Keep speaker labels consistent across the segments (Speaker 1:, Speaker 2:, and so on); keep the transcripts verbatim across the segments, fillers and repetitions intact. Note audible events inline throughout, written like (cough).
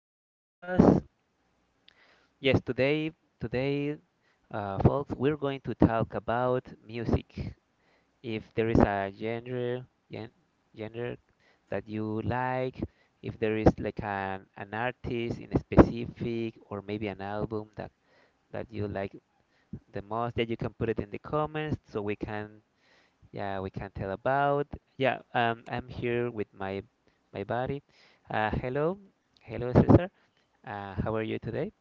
Speaker 1: for hearing us. Yes, today, today, uh, folks, we're going to talk about music. If there is a genre, gen- genre that you like, if there is like an an artist in specific, or maybe an album that that you like the most, that you can put it in the comments so we can, yeah, we can tell about. Yeah, um, I'm here with my my buddy. Uh, hello, Hello, Cesar. Uh, how are you today?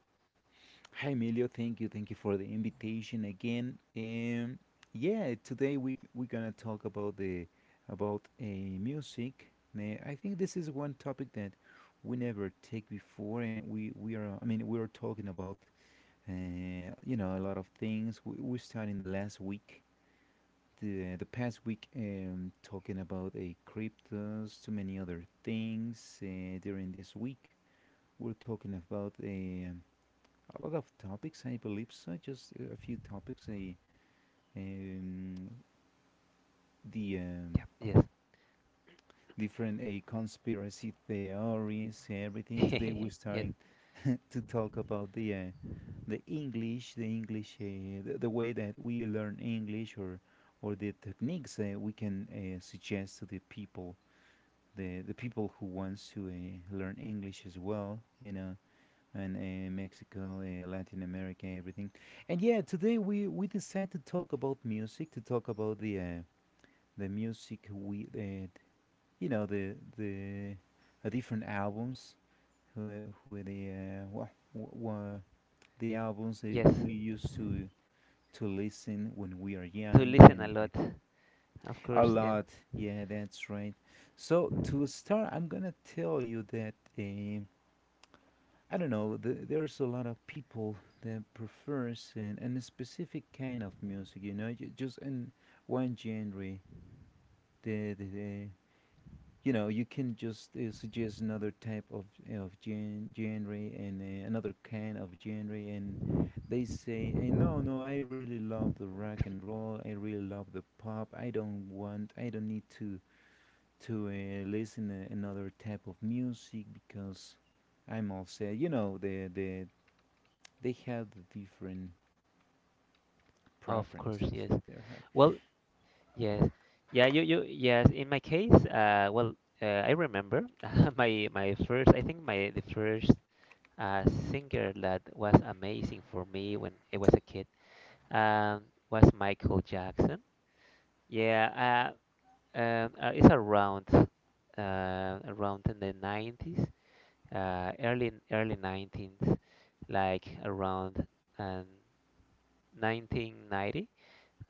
Speaker 2: Hi Emilio, thank you, thank you for the invitation again. Um, yeah, today we c- we're gonna talk about the about a music. Uh, I think this is one topic that we never take before, and we we are. I mean, we are talking about uh, you know a lot of things. We we started in the last week, the the past week, um, talking about a cryptos, too many other things. Uh, during this week, we're talking about a a lot of topics, I believe so. Just a few topics. A um, the um,
Speaker 1: Yep, yes.
Speaker 2: Different a conspiracy theories, everything. Today we're
Speaker 1: (laughs) Yes,
Speaker 2: starting to talk about the uh, the English, the English, uh, the, the way that we learn English, or or the techniques uh, we can uh, suggest to the people, the the people who wants to uh, learn English as well. You know, and uh, Mexico, uh, Latin America, everything. And yeah, today we we decide to talk about music, to talk about the uh, the music we uh, you know the the uh, different albums who who the uh, wha wha the albums that y-
Speaker 1: yes.
Speaker 2: we used to to listen when we are
Speaker 1: To
Speaker 2: young
Speaker 1: listen a
Speaker 2: and
Speaker 1: lot. Of
Speaker 2: a
Speaker 1: course, yeah.
Speaker 2: lot. Yeah, that's right. So to start, I'm gonna tell you that. Uh, I don't know. th- There's a lot of people that prefers an, an specific kind of music. You know, ju- just in one genre. The, the, the you know you can just uh, suggest another type of of gen- genre and uh, another kind of genre, and they say, hey, no, no, I really love the rock and roll. I really love the pop. I don't want. I don't need to to uh, listen to another type of music because I'm all set. You know the the they have the different
Speaker 1: Of course,
Speaker 2: preferences
Speaker 1: yes.
Speaker 2: they have.
Speaker 1: Well, yes. Yeah, you you yes, in my case, uh well, uh, I remember (laughs) my my first I think my the first uh singer that was amazing for me when I was a kid um was Michael Jackson. Yeah, uh, um, uh it's around uh around in the nineties, uh, early early nineteenth, like around um, nineteen ninety.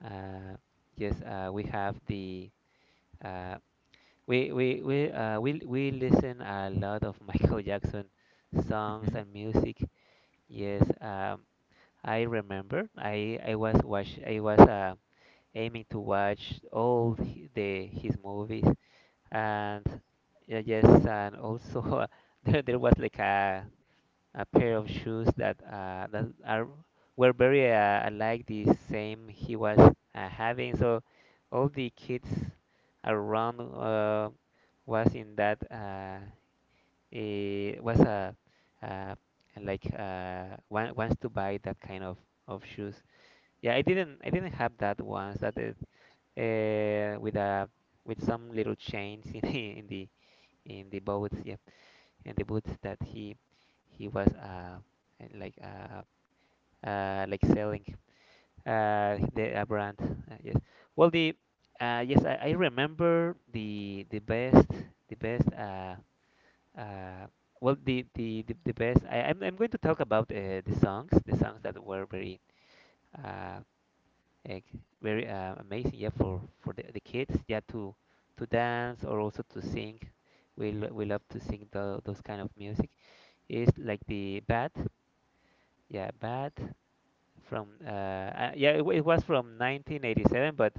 Speaker 1: Uh, yes, uh, we have the uh, we we we uh, we we listen a lot of (laughs) Michael Jackson songs
Speaker 2: hmm
Speaker 1: and music. Yes, um, I remember. I I was watch I was uh, aiming to watch all hi- the his movies and uh, yes, and also (laughs) there there was like a a pair of shoes that uh, that are were very uh, alike the same he was uh, having. So all the kids around, uh, was in that, uh, it was a, uh, like uh, want, wants to buy that kind of, of shoes. Yeah, I didn't I didn't have that once that it, uh, eh, with a, with some little chains in (laughs) the in the in the boats. Yeah, and the boots that he he was uh, uh, like uh, uh, like selling uh, the, uh, brand. Uh, yes. Well, the uh, yes, I, I remember the the best the best, uh, uh, well the the, the, the best. I, I'm I'm going to talk about uh, the songs the songs that were very, uh, like very, uh, amazing, yeah, for for the, the kids, yeah, to to dance or also to sing. We lo- we love to sing tho- those kind of music. It's like the Bad, yeah, Bad from, uh, uh yeah, it, wa- it was from nineteen eighty-seven, but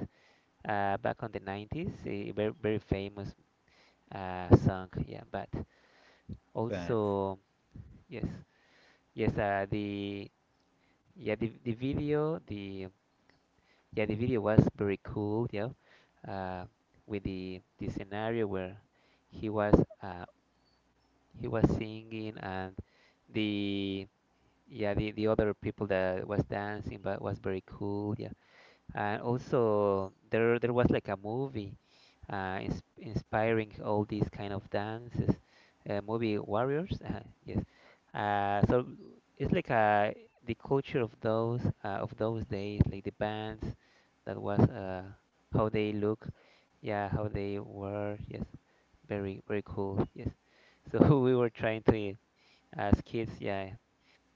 Speaker 1: uh back on the nineties, a very very famous uh song, yeah, Bad.
Speaker 2: But
Speaker 1: Also, yes, yes, uh the yeah the the video the yeah the video was very cool, yeah, uh with the the scenario where he was uh he was singing, and the yeah the, the other people that was dancing, but was very cool, yeah. And also there there was like a movie, uh ins inspiring all these kind of dances, uh, movie warriors. (laughs) Uh, yes, uh so it's like, uh the culture of those uh, of those days, like the bands, that was uh how they look, yeah, how they were, yes, very very cool, yes. So (laughs) we were trying to, uh, as kids, yeah,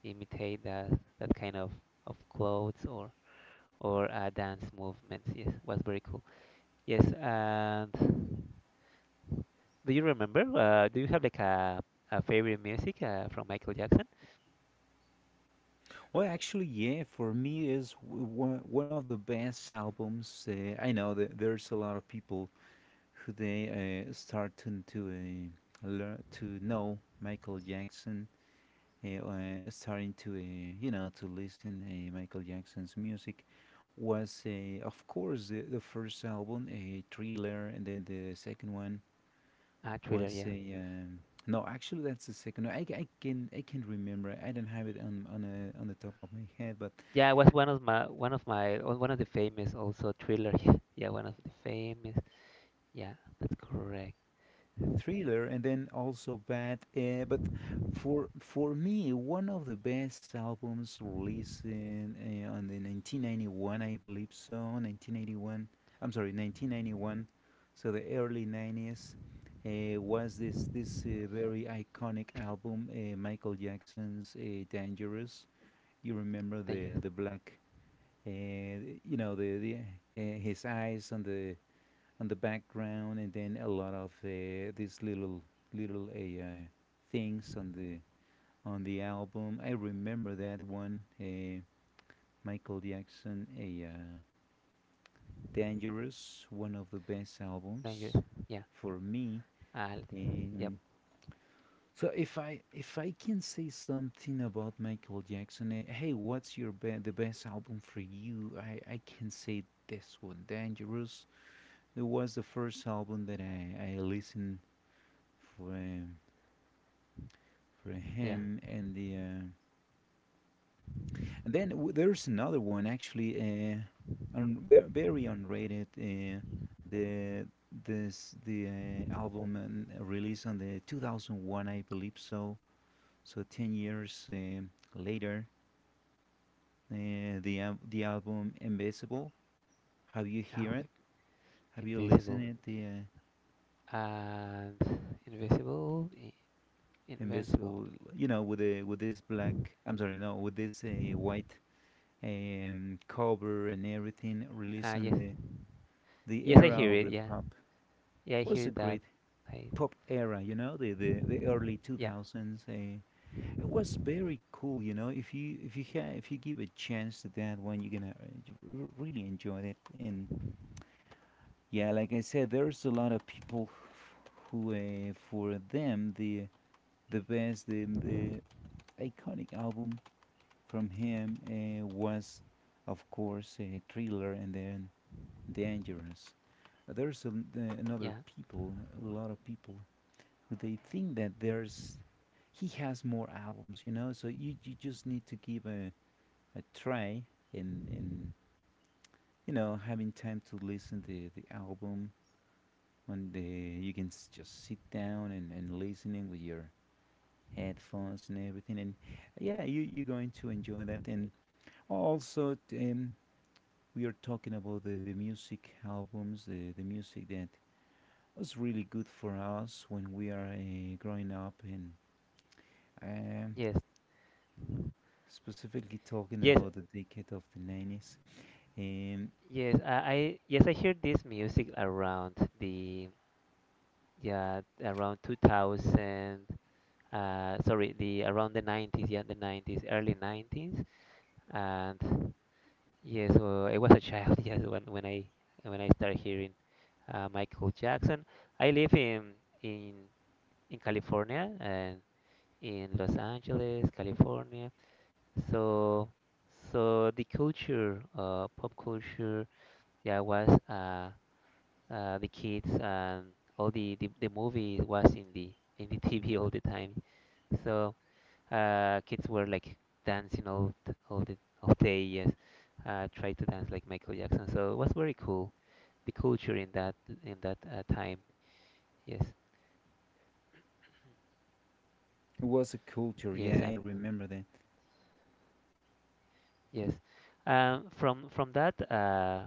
Speaker 1: imitate that, that kind of of clothes, or or uh, dance movements. Yes, was very cool. Yes, and do you remember? Uh, do you have like a a favorite music uh, from Michael Jackson?
Speaker 2: well, actually, yeah, for me is w- one one of the best albums. Uh, I know that there's a lot of people who they uh, start to to uh, learn to know Michael Jackson, uh, uh, starting to uh, you know to listen uh, Michael Jackson's music was, uh, of course, the, the first album, a Thriller, and then the second one
Speaker 1: Ah, Thriller.
Speaker 2: was
Speaker 1: Yeah,
Speaker 2: a um, no. Actually, that's the second. No, I, I can I can remember. I don't have it on on a, on the top of my head, but
Speaker 1: yeah. It was one of my one of my oh, one of the famous, also Thriller. (laughs) Yeah, yeah, one of the famous. Yeah, that's correct.
Speaker 2: Thriller and then also Bad. Uh, but for for me, one of the best albums released in, uh, on the nineteen ninety-one, I believe so. nineteen eighty-one. I'm sorry, nineteen ninety-one. So the early nineties. Uh, was this this uh, very iconic album, uh, Michael Jackson's, uh, "Dangerous". You remember the
Speaker 1: Dangerous,
Speaker 2: the black and you know the the uh, his eyes on the on the background, and then a lot of uh, these little little uh, uh, things on the on the album. I remember that one, uh, Michael Jackson, a uh, Dangerous, one of the best
Speaker 1: dangerous.
Speaker 2: albums
Speaker 1: Yeah.
Speaker 2: for me.
Speaker 1: Ah, yep.
Speaker 2: And so if I if I can say something about Michael Jackson, eh, hey, what's your be- the best album for you? I I can say this one, Dangerous. It was the first album that I, I listened for um, for
Speaker 1: Yeah.
Speaker 2: him, and the uh, and then w- there's another one actually, uh, un- ver- very unrated. Uh, the this the uh, album, um, released on the two thousand one, I believe so. So ten years um later, uh, the al- the album Invisible. Have you
Speaker 1: Ah,
Speaker 2: hear it?
Speaker 1: okay.
Speaker 2: Have you listened
Speaker 1: Invisible,
Speaker 2: it? The uh,
Speaker 1: and invisible, i- invincible.
Speaker 2: Invisible, you know, with the with this black. I'm sorry, no, with this uh, white um, cover and everything, released
Speaker 1: Ah,
Speaker 2: in
Speaker 1: yes.
Speaker 2: the the
Speaker 1: Yes, I
Speaker 2: era
Speaker 1: hear
Speaker 2: of
Speaker 1: it.
Speaker 2: the
Speaker 1: Yeah.
Speaker 2: pop.
Speaker 1: Yeah, I hear
Speaker 2: Was a
Speaker 1: that.
Speaker 2: great
Speaker 1: I
Speaker 2: pop era, you know, the the, the early
Speaker 1: yeah,
Speaker 2: two thousands. Uh, it was very cool, you know, if you if you ha- if you give a chance to that one, you're gonna uh, you r- really enjoy it. And yeah, like I said, there's a lot of people who, uh, for them, the the best the, the iconic album from him uh, was of course a Thriller and then Dangerous. There's a, another
Speaker 1: yeah.
Speaker 2: people, a lot of people, who they think that there's he has more albums, you know. So you you just need to give a, a try in in you know having time to listen the the album when the you can s- just sit down and and listening with your headphones and everything. And yeah, you you're going to enjoy that. And also, t- um, we are talking about the the music albums, the the music that was really good for us when we are uh, growing up. And um,
Speaker 1: Yes.
Speaker 2: specifically talking
Speaker 1: Yes.
Speaker 2: about the decade of the nineties. Um,
Speaker 1: Yes. I, I yes, I hear this music around the yeah, around two thousand, uh sorry, the around the nineties, yeah, the nineties, early nineties. And yes, well, I was a child (laughs) yes when when I when I started hearing, uh, Michael Jackson. I live in in in California, and in Los Angeles, California. So, so the culture, uh, pop culture, yeah, was, uh, uh, the kids and all the, the the movies was in the in the (laughs) T V all the time. So, uh, kids were like dancing all t- all the all day, yes, uh, try to dance like Michael Jackson. So it was very cool, the culture in that in that, uh, time. Yes,
Speaker 2: it was a culture,
Speaker 1: yes,
Speaker 2: yeah, I
Speaker 1: I'm
Speaker 2: remember that.
Speaker 1: yes. Um, from from that, uh,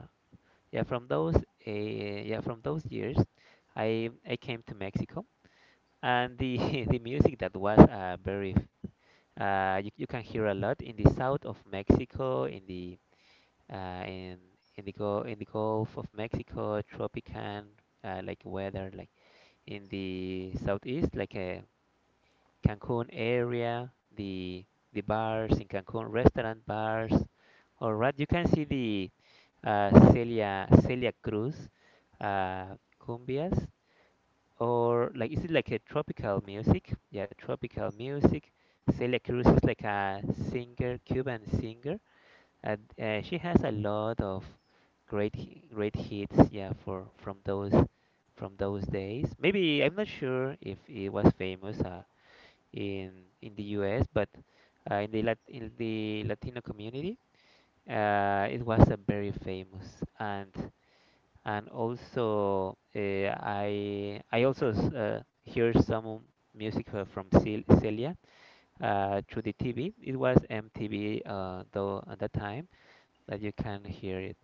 Speaker 1: yeah from those uh, yeah from those years, i i came to Mexico. And the (laughs) the music that was uh, very, uh, you, you can hear a lot in the south of Mexico, in the, uh, in in the go in the gulf of Mexico, tropican, uh, like weather, like in the southeast, like a Cancun area, the the bars in Cancun, restaurant bars. All right, you can see the, uh, Celia Celia Cruz, uh, cumbias, or like is it like a tropical music? Yeah, tropical music. Celia Cruz is like a singer, Cuban singer. Uh, uh, she has a lot of great hi- great hits. Yeah, for from those from those days. Maybe I'm not sure if it was famous Uh, in in the U S, but uh, in the Lat in the Latino community, uh, it was a very famous. and and also uh, I I also s- uh, hear some music uh, from Cel- Celia, uh, through the T V. It was M T V, uh, though at that time that you can hear it.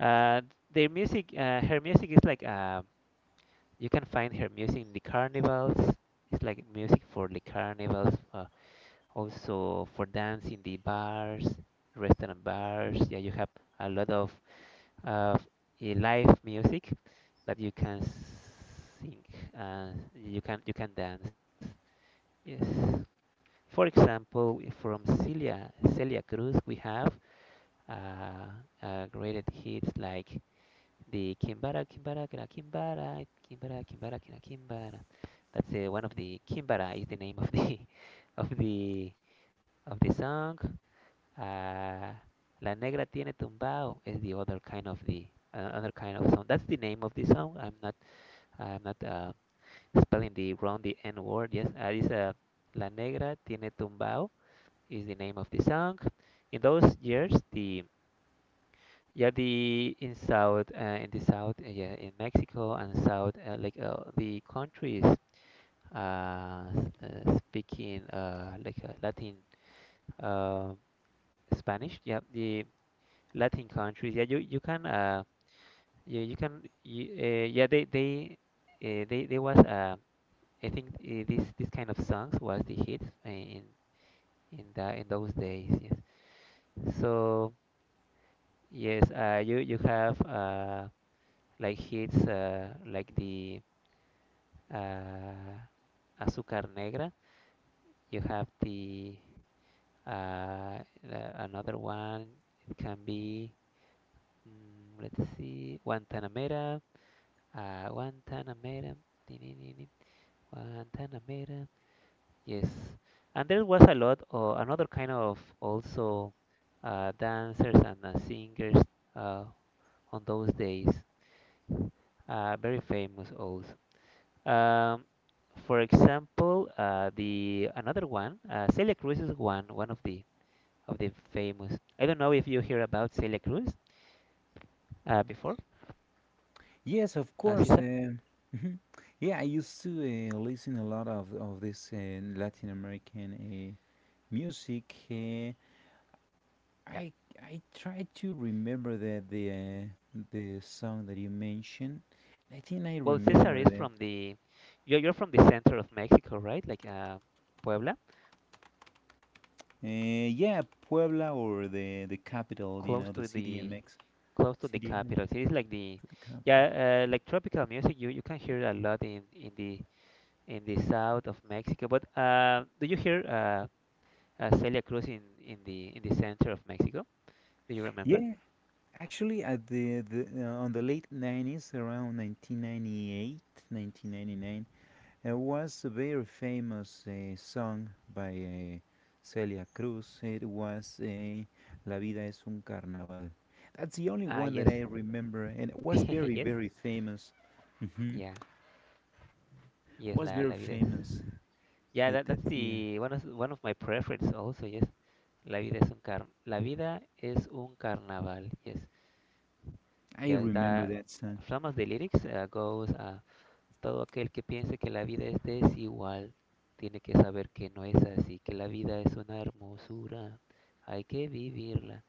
Speaker 1: Uh, their music, uh, her music is like, uh, you can find her music in the carnivals. It's like music for the carnivals. Uh, also for dance in the bars, restaurant bars. Yeah, you have a lot of of uh, live music that you can sing, and you can you can dance. Yes. For example, from Celia Celia Cruz, we have, uh, uh, great hits like the Kimbara Kimbara Kira Kimbara Kimbara Kimbara Kira Kimbara. That's uh, one of the Kimbara is the name of the (laughs) of the of the song. Uh, La Negra tiene tumbao is the other kind of the, uh, other kind of song. That's the name of the song. I'm not I'm not uh, spelling the wrong the N word. Yes, uh, it's, uh, La Negra tiene tumbao is the name of the song. In those years, the yeah the in south uh, in the south, uh, yeah in Mexico, and south, uh, like uh, the countries, uh, s- uh, speaking, uh, like uh, Latin, uh, Spanish. Yeah, the Latin countries. Yeah, you you can uh yeah you can you, uh, yeah they they uh, they there was uh I think, uh, this this kind of songs was the hit in in the in those days. Yes. So yes, uh you you have uh like hits uh like the, uh Azúcar Negra. You have the, uh uh, another one. It can be, mm, let's see, Guantanamera. Uh, Guantanamera, tinininim, Guantanamera. Yes. And there was a lot of another kind of also, uh, dancers and uh, singers, uh, on those days. Uh, very famous also. Um, for example, uh, the another one, uh, Celia Cruz is one one of the of the famous. I don't know if you hear about Celia Cruz uh, before,
Speaker 2: Yes, of
Speaker 1: uh,
Speaker 2: course.
Speaker 1: Cesar.
Speaker 2: Um (laughs) mhm. Yeah, I used to uh, listen a lot of, of this uh, Latin American uh, music. Uh,
Speaker 1: Yeah.
Speaker 2: I I try to remember that the uh, the song that you mentioned. I think I
Speaker 1: Well, Cesar
Speaker 2: remember
Speaker 1: is
Speaker 2: that.
Speaker 1: from the, you're you're from the center of Mexico, right? Like, uh, Puebla,
Speaker 2: Uh, yeah, Puebla or the the capital, you
Speaker 1: close
Speaker 2: know, the
Speaker 1: to the
Speaker 2: C D M X,
Speaker 1: close to the
Speaker 2: C D M X
Speaker 1: capital. So it's like the,
Speaker 2: to the
Speaker 1: yeah,
Speaker 2: capital.
Speaker 1: uh, like tropical music. You you can hear a lot in in the in the south of Mexico. But uh, do you hear, uh, uh Celia Cruz in in the in the center of Mexico? Do you remember?
Speaker 2: Yeah, actually, at the, the uh, on the late nineties, around nineteen ninety-eight, nineteen ninety-nine, there was a very famous uh, song by uh, Celia Cruz. It was uh, La vida es un carnaval. That's the only
Speaker 1: Ah,
Speaker 2: one that
Speaker 1: yes,
Speaker 2: I remember, and it was
Speaker 1: (laughs)
Speaker 2: very,
Speaker 1: yes,
Speaker 2: very famous. hmm
Speaker 1: yeah, yes.
Speaker 2: Was
Speaker 1: La la
Speaker 2: very
Speaker 1: vida es.
Speaker 2: famous.
Speaker 1: Yeah, that,
Speaker 2: That
Speaker 1: that's
Speaker 2: that's yeah.
Speaker 1: the one of one of my preference also, yes. La vida es un car La vida es un carnaval, yes.
Speaker 2: I
Speaker 1: Yes,
Speaker 2: remember
Speaker 1: that
Speaker 2: that song.
Speaker 1: some of the lyrics, uh, goes, uh, todo aquel que piense que la vida es desigual, tiene que saber que no es así, que la vida es una hermosura, hay que vivirla.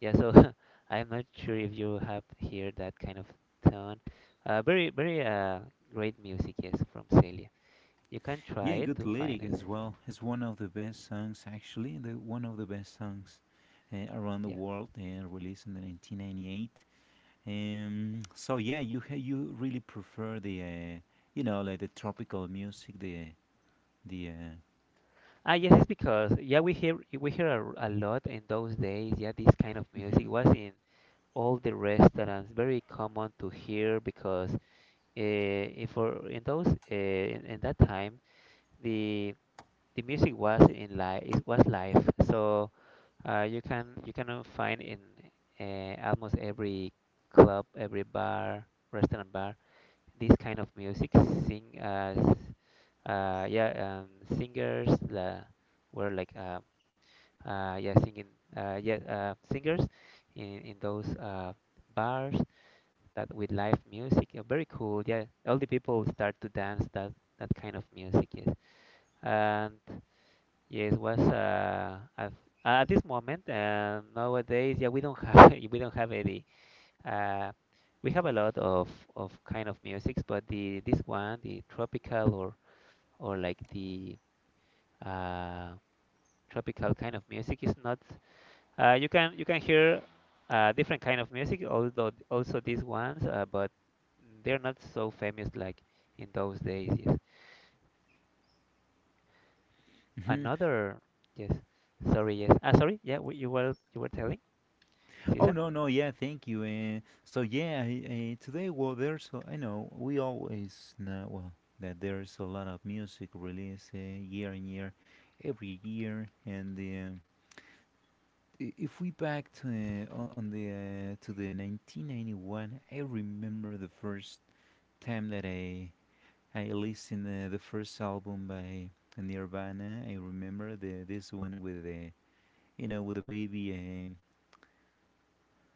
Speaker 1: Yeah, so, (laughs) I'm not sure if you have heard that kind of tone. Uh, very very, uh, great music, yes, from Celia. You can
Speaker 2: Yeah,
Speaker 1: try it
Speaker 2: good
Speaker 1: to find
Speaker 2: lyric
Speaker 1: it.
Speaker 2: as well. It's one of the best songs, actually, the one of the best songs uh, around the
Speaker 1: Yeah.
Speaker 2: world, uh, released in the nineteen ninety-eight. Um, so yeah, you ha- you really prefer the, uh, you know like the tropical music, the the. Uh,
Speaker 1: Ah, yes, it's because yeah, we hear we hear a, a lot in those days. Yeah, this kind of
Speaker 2: Mhm,
Speaker 1: music was in all the restaurants, very common to hear because, uh, if for in those uh, in, in that time, the the music was in live, it was live, so, uh, you can you can, uh, find in, uh, almost every club, every bar, restaurant bar, this kind of music, sing uh, s- uh yeah um, singers la were like uh, uh, yeah, singing, uh, yeah, uh, singers in in those uh, bars, that with live music. Yeah, very cool. Yeah, all the people start to dance that that kind of music. Yes, and yes, was, uh, at, at this moment, uh, nowadays. Yeah, we don't have (laughs) we don't have any. Uh, we have a lot of of kind of musics, but the this one, the tropical or or like the uh, tropical kind of music is not. Uh, you can you can hear uh, different kind of music, although also these ones, uh, but they're not so famous like in those days. Yes.
Speaker 2: mhm.
Speaker 1: Another yes. Sorry. Yes. Ah, sorry. Yeah. w- You were you were telling
Speaker 2: Oh
Speaker 1: Caesar.
Speaker 2: no no, yeah, thank you. Uh, so yeah, I, uh, today, well, there's a- I know we always know well that there's a lot of music released uh, year and year every year. And um i- if we back to uh, on, on the uh, to the nineteen ninety-one, I remember the first time that i I listened, uh, the first album by Nirvana. I remember the this one with the, you know, with the baby um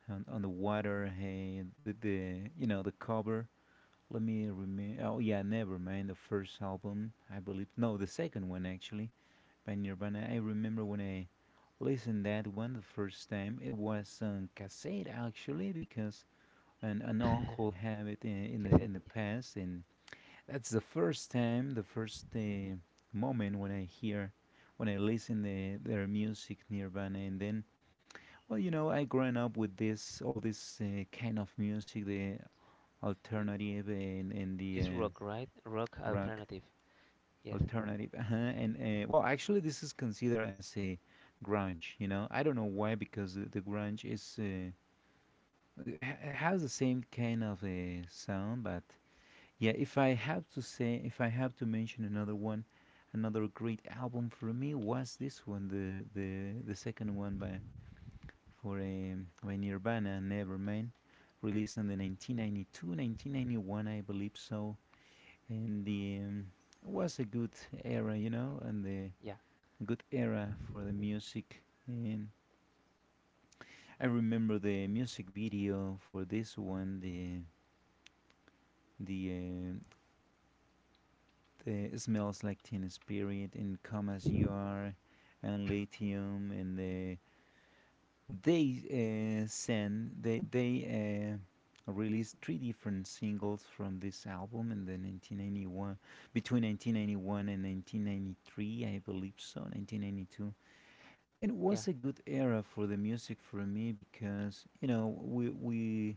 Speaker 2: on, on the water. Hey, the, the, you know, the cover, let me remember. Oh yeah, never mind the first album, I believe. No, the second one, actually, by Nirvana. I remember when I listened that one the first time. It was on cassette, actually, because an, an
Speaker 1: (laughs)
Speaker 2: uncle had it in, in the in the
Speaker 1: Cassette.
Speaker 2: past, and that's the first time, the first uh, moment when I hear, when I listen the, their music, Nirvana. And then, well, you know, I grown up with this all this uh, kind of music, the
Speaker 1: Yeah.
Speaker 2: alternative and, and the
Speaker 1: It's
Speaker 2: uh,
Speaker 1: rock, right? Rock
Speaker 2: rock.
Speaker 1: alternative. Yes.
Speaker 2: Alternative. Uh-huh. And uh, well, actually, this is considered as a grunge. You know, I don't know why, because the, the grunge is, uh, it ha- it has the same kind of a sound. But yeah, if I have to say, if I have to mention another one, another great album for me was this one, the the the second one by for um, by Nirvana, Nevermind, released in the nineteen ninety-two, nineteen ninety-one, I believe so. And the um, was a good era, you know, and the
Speaker 1: Yeah.
Speaker 2: good era for the music. And I remember the music video for this one, the the, uh, the Smells Like Teen Spirit, and Come as You Are, and Lithium, and the, they uh, sent they they. Uh, released three different singles from this album in the nineteen ninety-one between nineteen ninety-one and nineteen ninety-three, I believe so, nineteen ninety-two. It
Speaker 1: Yeah.
Speaker 2: was a good era for the music for me, because, you know, we we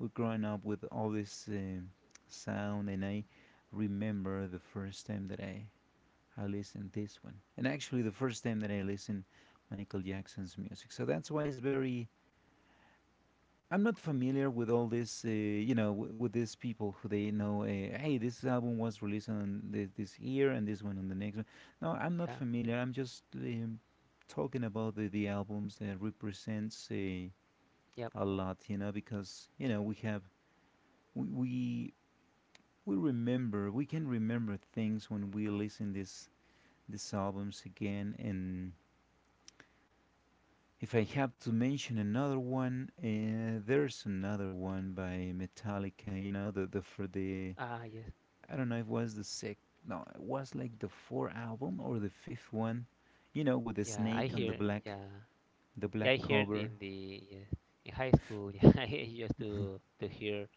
Speaker 2: we growing up with all this uh, sound. And I remember the first time that I I listened this one, and actually the first time that I listened Michael Jackson's music. So that's why it's very. I'm not familiar with all this, uh, you know, w- with these people who they know. Uh, hey, this album was released on this, this year, and this one on the next one. No, I'm not
Speaker 1: Yeah.
Speaker 2: familiar. I'm just um, talking about the, the albums that represents uh,
Speaker 1: Yep.
Speaker 2: a lot, you know, because you know we have we, we we remember, we can remember things when we listen this these albums again. And if I have to mention another one, uh, there's another one by Metallica. You know, the the for the.
Speaker 1: Ah, yes.
Speaker 2: I don't know if it was the sixth. No, it was like the fourth album or the fifth one. You know, with the
Speaker 1: Yeah. I
Speaker 2: snake on the
Speaker 1: hear.
Speaker 2: black,
Speaker 1: Yeah.
Speaker 2: the
Speaker 1: Yeah,
Speaker 2: black
Speaker 1: I heard
Speaker 2: cover.
Speaker 1: in the yeah, in high school. (laughs) Yeah, I used to to hear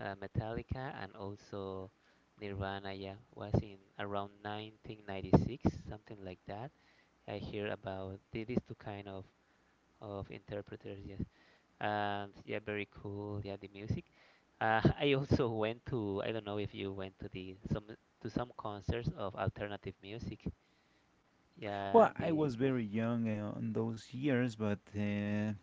Speaker 1: uh, Metallica and also Nirvana. Yeah, was in around nineteen ninety-six, something like that. I hear about the, these two kind of of interpreters. Yes, and yeah, very cool. Yeah, the music. Uh, (laughs) I also went to. I don't know if you went to the some to some concerts of alternative music. Yeah,
Speaker 2: Well, I
Speaker 1: the
Speaker 2: was very young uh, on those years, but uh,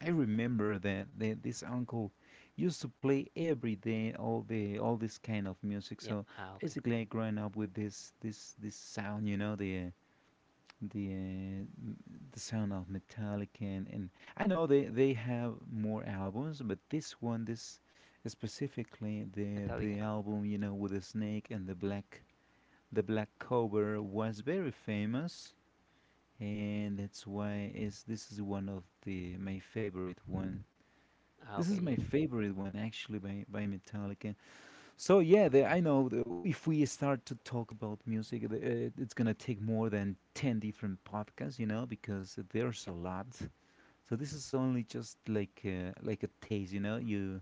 Speaker 2: I remember that, that this uncle used to play every day all the all this kind of music.
Speaker 1: yeah.
Speaker 2: So
Speaker 1: Ah, okay.
Speaker 2: basically, I growing up with this this this sound. You know, the the uh, the sound of Metallica, and, and I know they they have more albums, but this one, this specifically the the
Speaker 1: Metallica.
Speaker 2: album, you know, with the snake and the black the black cover was very famous, and that's why is this is one of the my favorite one.
Speaker 1: Ah,
Speaker 2: This
Speaker 1: okay.
Speaker 2: is
Speaker 1: Yes.
Speaker 2: my
Speaker 1: Yeah.
Speaker 2: favorite one actually by by Metallica. So yeah, the, I know the, if we start to talk about music, the, uh, it's gonna take more than ten different podcasts, you know, because there's a lot. So this is only just like a, like a taste. you know. You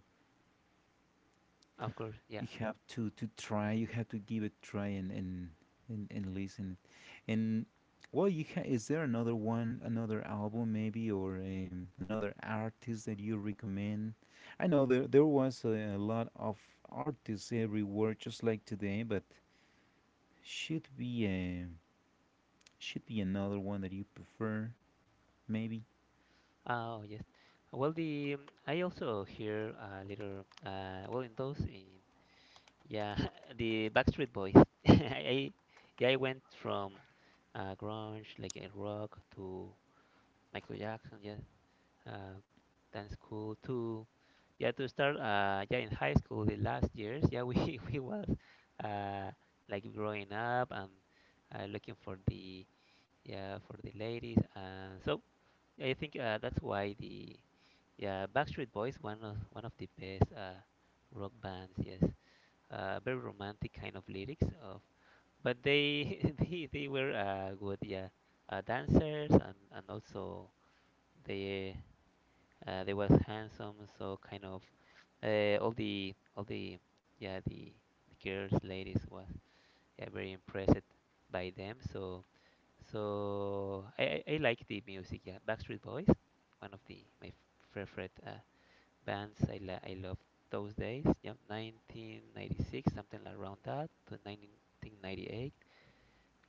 Speaker 1: Of course, yeah.
Speaker 2: you have to to try, you have to give it a try and and and, and listen. And well, you ha- is there another one, another album maybe, or um, another artist that you recommend? I know there there was a, a lot of artists everywhere, just like today, but should be a, should be another one that you prefer, maybe.
Speaker 1: Oh, yes. Well, the um, I also hear a little. Uh, well, in those, eh, yeah, (laughs) the Backstreet Boys. (laughs) I, yeah, I went from uh, grunge, like a rock, to Michael Jackson. Yeah, uh, dance school to, yeah, to start. Uh, yeah, in high school, the last years. Yeah, we (laughs) we was uh like growing up and uh, looking for the yeah for the ladies. Uh, so. I think uh, that's why the yeah Backstreet Boys one of one of the best uh, rock bands. Yes, uh, very romantic kind of lyrics of, but they (laughs) they they were uh, good. Yeah, uh, dancers and and also they uh, they was handsome. So kind of uh, all the all the yeah the, the girls ladies was yeah very impressed by them. So so I, I I like the music, yeah. Backstreet Boys, one of the my f- favorite uh, bands. I la I love those days. Yeah, nineteen ninety-six, something around that, to nineteen ninety-eight.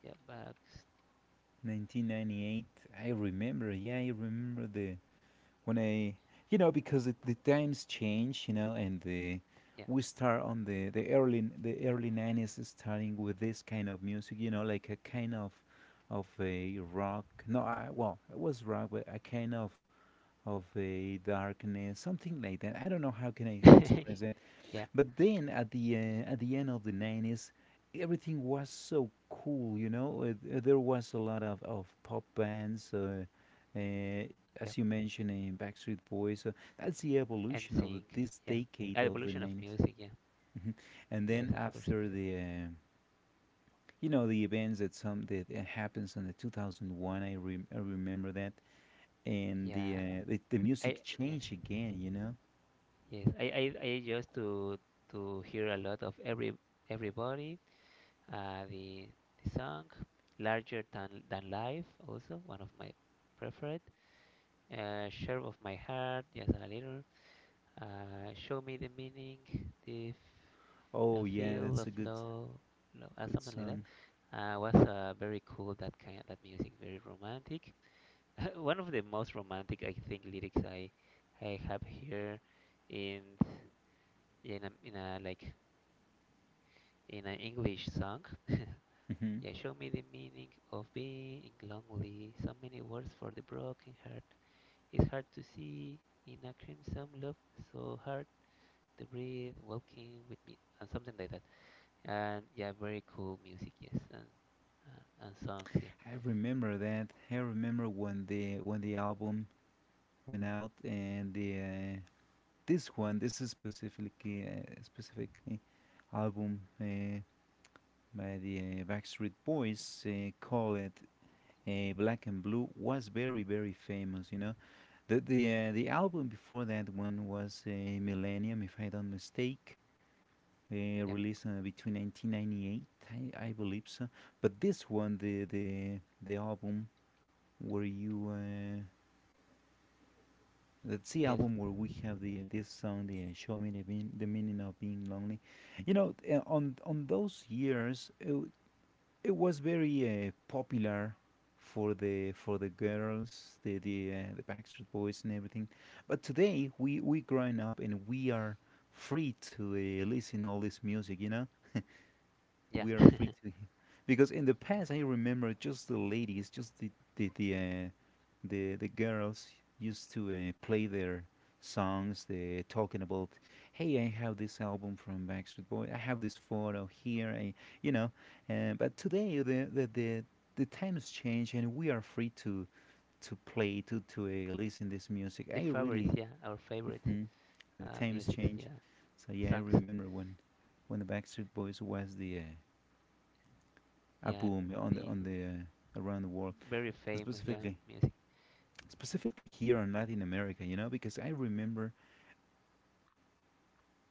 Speaker 1: Yeah, Backs.
Speaker 2: nineteen ninety-eight, I remember. Yeah, I remember the when I, you know, because it, the times change, you know, and the
Speaker 1: Yeah,
Speaker 2: we start on the the early the early nineties, starting with this kind of music, you know, like a kind of of a rock. No, I, well, it was rock, but a kind of of a darkness, something like that. I don't know how can I
Speaker 1: (laughs)
Speaker 2: express it.
Speaker 1: yeah,
Speaker 2: But then at the uh, at the end of the nineties, everything was so cool. You know, Uh, th- there was a lot of of pop bands. Uh, uh,
Speaker 1: yeah.
Speaker 2: as you mentioned, in Backstreet Boys. So that's the
Speaker 1: And
Speaker 2: evolution of
Speaker 1: sing.
Speaker 2: this
Speaker 1: Yeah,
Speaker 2: decade of the
Speaker 1: evolution of
Speaker 2: nineties.
Speaker 1: music. Yeah,
Speaker 2: Mhm. And then
Speaker 1: yes, of course.
Speaker 2: after the, uh, you know, the events that some that uh, happens in the two thousand one, I, rem I remember that. And the,
Speaker 1: Yeah,
Speaker 2: uh, the the
Speaker 1: I
Speaker 2: music
Speaker 1: yeah
Speaker 2: changed again, you know.
Speaker 1: yes. I I I used to to hear a lot of every everybody. Uh, the, the song Larger Than, Than Life, also one of my preferred. Uh, Share of My Heart, just a little. Uh, Show Me the Meaning, the f-
Speaker 2: Oh
Speaker 1: uh,
Speaker 2: yeah,
Speaker 1: Feel
Speaker 2: that's
Speaker 1: of
Speaker 2: a good
Speaker 1: Love, love uh,
Speaker 2: good
Speaker 1: something like that.
Speaker 2: song.
Speaker 1: Uh, was uh, very cool that kind that music, very romantic. (laughs) One of the most romantic I think lyrics i i have here in in a, in a like in an English song. (laughs)
Speaker 2: Mm-hmm.
Speaker 1: Yeah, show me the meaning of being lonely. So many words for the broken heart. It's hard to see in a crimson love, so hard to breathe, walking with me, and something like that. And yeah, very cool music, yes, and and, and songs, yeah,
Speaker 2: I remember that. I remember when the when the album went out, and the uh, this one, this is specifically uh, specifically album uh, by the uh, Backstreet Boys, uh, called it uh, Black and Blue, was very very famous. You know, the the uh, the album before that one was uh, Millennium, if I don't mistake. Uh,
Speaker 1: yeah,
Speaker 2: released uh, between nineteen ninety-eight, I, I believe so. But this one, the the the album where you uh, that's the
Speaker 1: yes,
Speaker 2: album where we have the this song, the uh, "Show Me the, Mean- the Meaning of Being Lonely." You know, uh, on on those years, it, w- it was very uh, popular for the for the girls, the the uh, the Backstreet Boys and everything. But today, we we growing up, and we are free to uh, listen all this music. You know,
Speaker 1: yeah.
Speaker 2: we are free to, because in the past I remember just the ladies, just the the the uh, the, the girls used to uh, play their songs, uh, talking about, hey, I have this album from Backstreet Boy, I have this photo here. I, you know, uh, but today the the the the times change, and we are free to to play to to uh, listen this
Speaker 1: (laughs) The
Speaker 2: music. I
Speaker 1: favorites, yeah,
Speaker 2: really—
Speaker 1: our favorite
Speaker 2: Mhm. The
Speaker 1: uh,
Speaker 2: times
Speaker 1: musics,
Speaker 2: change.
Speaker 1: yeah,
Speaker 2: So yeah, I
Speaker 1: songs,
Speaker 2: remember when when the Backstreet Boys was the uh, a
Speaker 1: yeah,
Speaker 2: boom, yeah, on the
Speaker 1: the
Speaker 2: on the uh, around the world,
Speaker 1: very famous, yeah,
Speaker 2: specifically
Speaker 1: music.
Speaker 2: specifically here in Latin America, you know, because I remember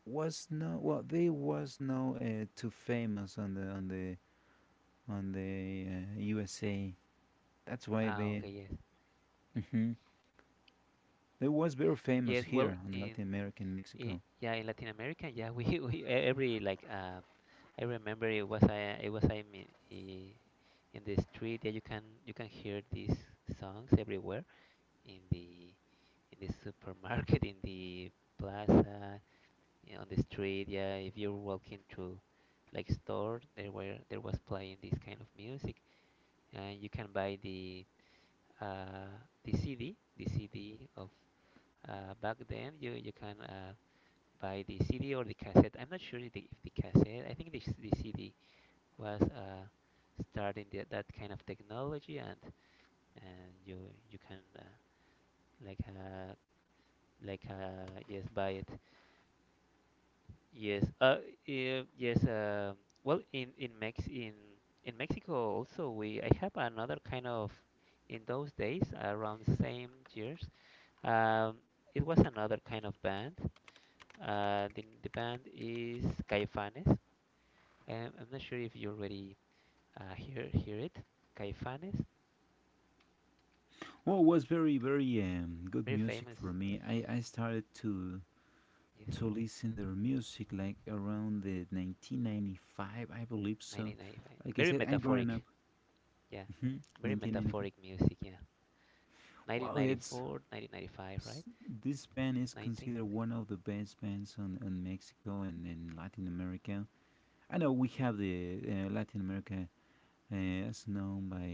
Speaker 2: was no well there was no uh, too famous on the on the on the uh, U S A. That's why
Speaker 1: Ah,
Speaker 2: they—
Speaker 1: okay, yes,
Speaker 2: hmm, they was very famous
Speaker 1: yes. Well,
Speaker 2: here on
Speaker 1: in
Speaker 2: Latin America in
Speaker 1: I-
Speaker 2: Mexico.
Speaker 1: yeah, in Latin America, yeah, we, (laughs) we e- every like uh, I remember it was I it was I mean i- in the street. Yeah, you can you can hear these songs everywhere in the in the supermarket, (laughs) in the plaza, yeah, on the street. Yeah, if you're walking through like store, there were there was playing this kind of music, and you can buy the uh the C D, the C D of uh back then. You you can uh by the C D or the cassette. I'm not sure if the, if the cassette. I think the, the C D was uh, starting the, that kind of technology, and and you you can uh, like uh, like uh, yes buy it. Yes, uh, eh, yes. Um, well, in in Mex in in Mexico also we I have another kind of in those days around the same years. Um, it was another kind of band. Uh, the, the band is Caifanes. Um, I'm not sure if you already uh, hear hear it. Caifanes,
Speaker 2: Well, it was very very um, good
Speaker 1: very
Speaker 2: music
Speaker 1: famous.
Speaker 2: for me. I I started to
Speaker 1: Yes,
Speaker 2: to listen their music like around the nineteen ninety-five, I believe so.
Speaker 1: nineteen ninety-five.
Speaker 2: Like I
Speaker 1: Very
Speaker 2: said, I growing up—
Speaker 1: metaphoric. Yeah,
Speaker 2: Hmm,
Speaker 1: very
Speaker 2: nineteen ninety-five.
Speaker 1: metaphoric music. Yeah,
Speaker 2: Wow, it's—
Speaker 1: nineteen ninety-four, nineteen ninety-five, right?
Speaker 2: s- this band is considered
Speaker 1: nineteen ninety.
Speaker 2: one of the best bands on, on Mexico and in Latin America. I know we have the uh, Latin America uh, as known by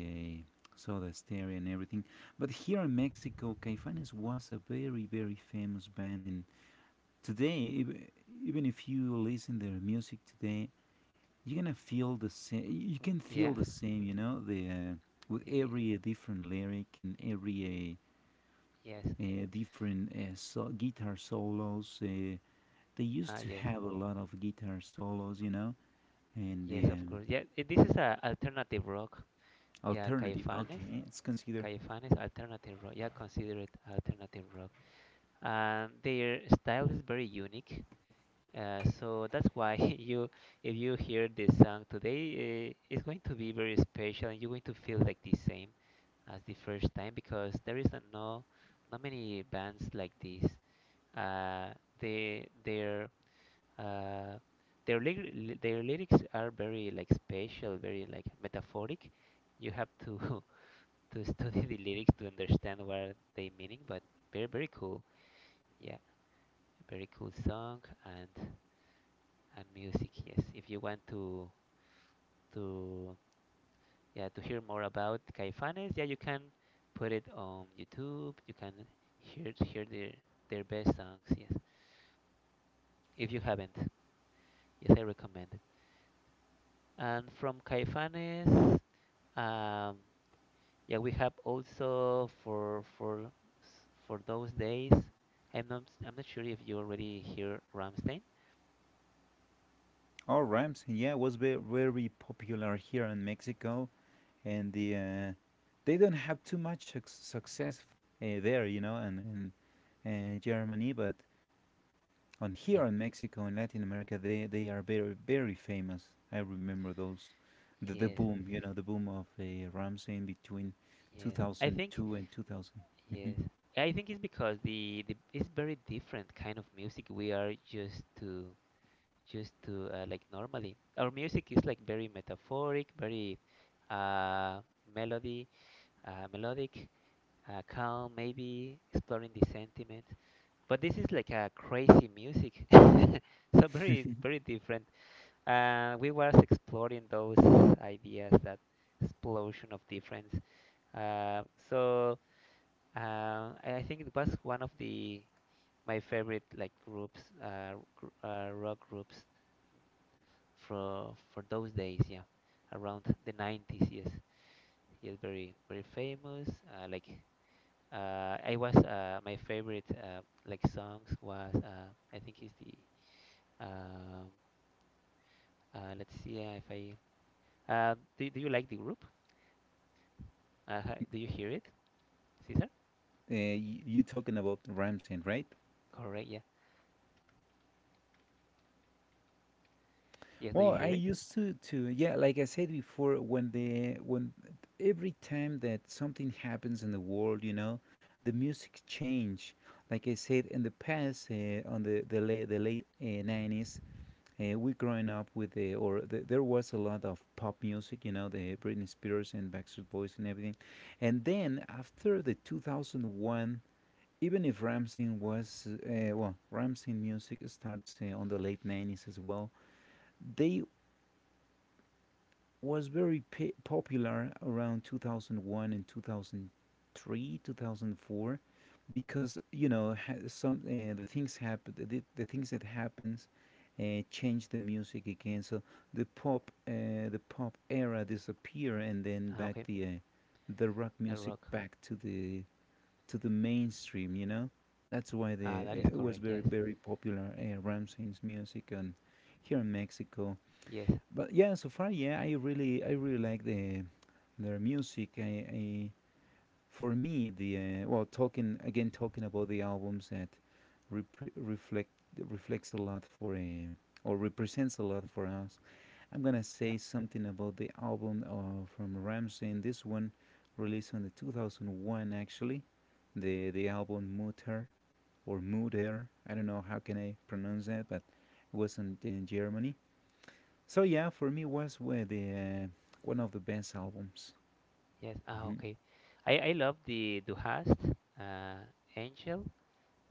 Speaker 2: uh, Soda Stereo and everything, but here in Mexico, Caifanes was a very very famous band, and today, ev- even if you listen their music today, you're gonna feel the same. You can
Speaker 1: Yeah.
Speaker 2: feel the same, you know, the uh, with
Speaker 1: The
Speaker 2: every uh, different lyric and every uh,
Speaker 1: yes.
Speaker 2: uh, different uh, so- guitar solos. Uh, they used
Speaker 1: Ah,
Speaker 2: to
Speaker 1: yes.
Speaker 2: have a lot of guitar solos, you know, and
Speaker 1: Yes, of
Speaker 2: um,
Speaker 1: course. Yeah, it, this is a alternative rock. Yeah,
Speaker 2: alternative.
Speaker 1: Caifanes.
Speaker 2: Okay, let's consider.
Speaker 1: Caifanes alternative rock. Yeah, consider it alternative rock. And their style is very unique. Uh, so that's why (laughs) you, if you hear this song today, uh, it's going to be very special, and you're going to feel like the same as the first time because there is a no, not many bands like this. Uh, they, their, uh, their lyri- li- their lyrics are very like special, very like metaphoric. You have to (laughs) to study the lyrics to understand what they meaning, but very very cool. Yeah, very cool song and music. Yes, if you want to to yeah to hear more about Caifanes, yeah, you can put it on YouTube. You can hear hear their their best songs. Yes, if you haven't, yes, I recommend it. And from Caifanes, um, yeah, we have also for for s- for those days. I'm not I'm not sure if you already hear Ramstein.
Speaker 2: Oh, Rams, yeah, was ve- very popular here in Mexico, and the uh, they don't have too much suc success uh, there, you know, and in uh, Germany, but— and here
Speaker 1: Yeah.
Speaker 2: in Mexico and Latin America, they, they are very, very famous. I remember those. The, the
Speaker 1: Yes.
Speaker 2: boom, you know, the boom of uh, Ramsey in between
Speaker 1: Yes. I think
Speaker 2: two thousand two and two thousand. Hmm.
Speaker 1: yes, I think it's because the, the it's very different kind of music we are used to used to uh, like normally. Our music is like very metaphoric, very uh, melody, uh, melodic, uh, calm, maybe exploring the sentiments. But this is like a crazy music, (laughs) so very very different. Uh, we was exploring those ideas, that explosion of difference. Uh, so. Uh, I I think it was one of the my favorite like groups, uh, gr uh, rock groups for for those days. Yeah, around the nineties. Yes, yes, very very famous. Uh, like uh, I was uh, my favorite uh, like songs was uh, I think is the um, uh, let's see uh, if I uh, do do you like the group? Uh, ha- do you hear it, Cesar?
Speaker 2: Uh, y- you talking about Ramsey, right?
Speaker 1: Correct. Yeah. Yes. Do you
Speaker 2: Well, I
Speaker 1: hear it?
Speaker 2: used to, to yeah, like I said before, when the when every time that something happens in the world, you know, the music change. Like I said in the past, uh, on the the late the late uh, nineties, Uh, we growing up with the or the, there was a lot of pop music, you know, the Britney Spears and Backstreet Boys and everything. And then after the twenty oh one, even if Ramsey was, uh, well, Ramsey music starts uh, on the late nineties as well. They was very p- popular around two thousand one and two thousand three, two thousand four, because you know, ha- some uh, the things happen, the, the things that happens uh, change the music again. So the pop, uh, the pop era disappear, and then
Speaker 1: Ah,
Speaker 2: back
Speaker 1: okay.
Speaker 2: the uh, the rock
Speaker 1: The
Speaker 2: music
Speaker 1: rock.
Speaker 2: back to the to the mainstream, you know. That's why
Speaker 1: Ah,
Speaker 2: the
Speaker 1: that is
Speaker 2: eh, it was
Speaker 1: correct.
Speaker 2: very
Speaker 1: Yes.
Speaker 2: very popular uh, Ramsey's music and here in Mexico,
Speaker 1: Yes.
Speaker 2: but yeah, so far, yeah, I really, I really like the their music. I, I For me, the uh, well, talking again, talking about the albums that repre- reflect reflects a lot for a, or represents a lot for us, I'm gonna
Speaker 1: Yeah.
Speaker 2: say something about the album uh, from Ramstein. This one released on the two thousand one, actually. The the album Mutter or Mutter. I don't know how can I pronounce that, but it was in, in Germany. So yeah, for me was where the uh, one of the best albums.
Speaker 1: Yes. Ah,
Speaker 2: Hmm.
Speaker 1: okay. I I love the Du hast, uh, Angel.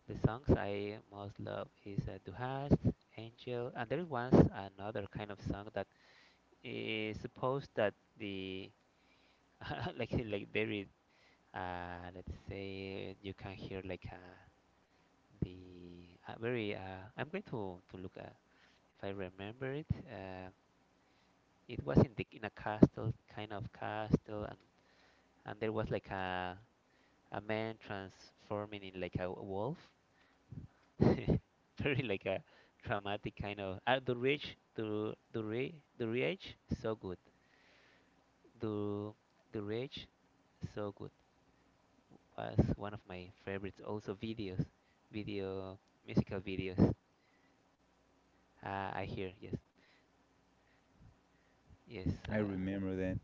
Speaker 1: The songs I most love is uh, Du hast, Angel, and there is once another kind of song that is supposed that the (laughs) like like very uh let's say you can hear like uh the uh, very uh I'm going to to look uh, if I remember it uh It was in the in a castle kind of castle and and there was like a a man transforming in like a wolf. (laughs) Very like a dramatic kind of. Uh, the rich, the the rich, the rich, so good. The the rich, so good was one of my favorites. Also videos, video musical videos. Uh, I hear yes, yes,
Speaker 2: I
Speaker 1: uh,
Speaker 2: remember that.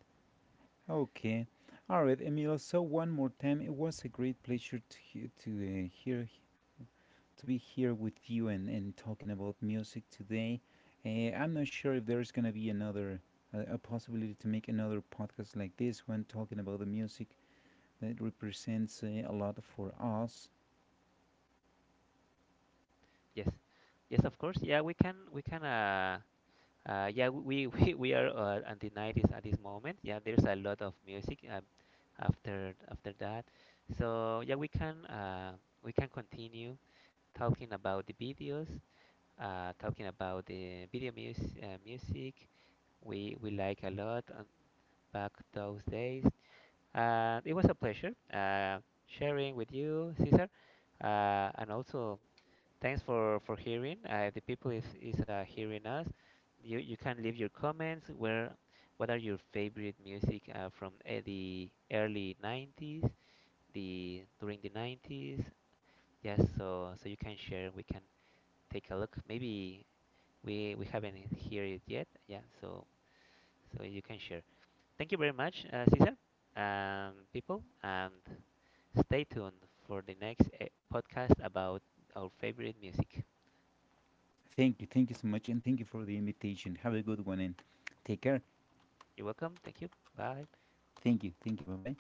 Speaker 2: Okay, all right, Emilio. So one more time, it was a great pleasure to he- to uh, hear, to be here with you and and talking about music today. Uh, I'm not sure if there's gonna be another uh, a possibility to make another podcast like this one talking about the music that represents uh, a lot for us.
Speaker 1: yes, yes. Of course, yeah. We can we can uh Uh, yeah, we, (laughs) we, we are uh, at the nineties at this moment. Yeah, there's a lot of music um, after after that. So yeah, we can uh, we can continue talking about the videos, uh, talking about the video mus uh, music. We we like a lot um, back those days. Uh, it was a pleasure uh, sharing with you, Cesar, uh, and also thanks for for hearing. Uh, the people is is uh, hearing us. You you can leave your comments. Where what are your favorite music uh, from uh, the early nineties, the during the nineties? Yes, so so you can share. We can take a look. Maybe we we haven't heard it yet. Yeah, so so you can share. Thank you very much, uh, Cesar, and people, and stay tuned for the next uh, podcast about our favorite music.
Speaker 2: Thank you, thank you so much, and thank you for the invitation. Have a good one and take care.
Speaker 1: You're welcome. Thank you. Bye.
Speaker 2: Thank you, thank you, bye bye.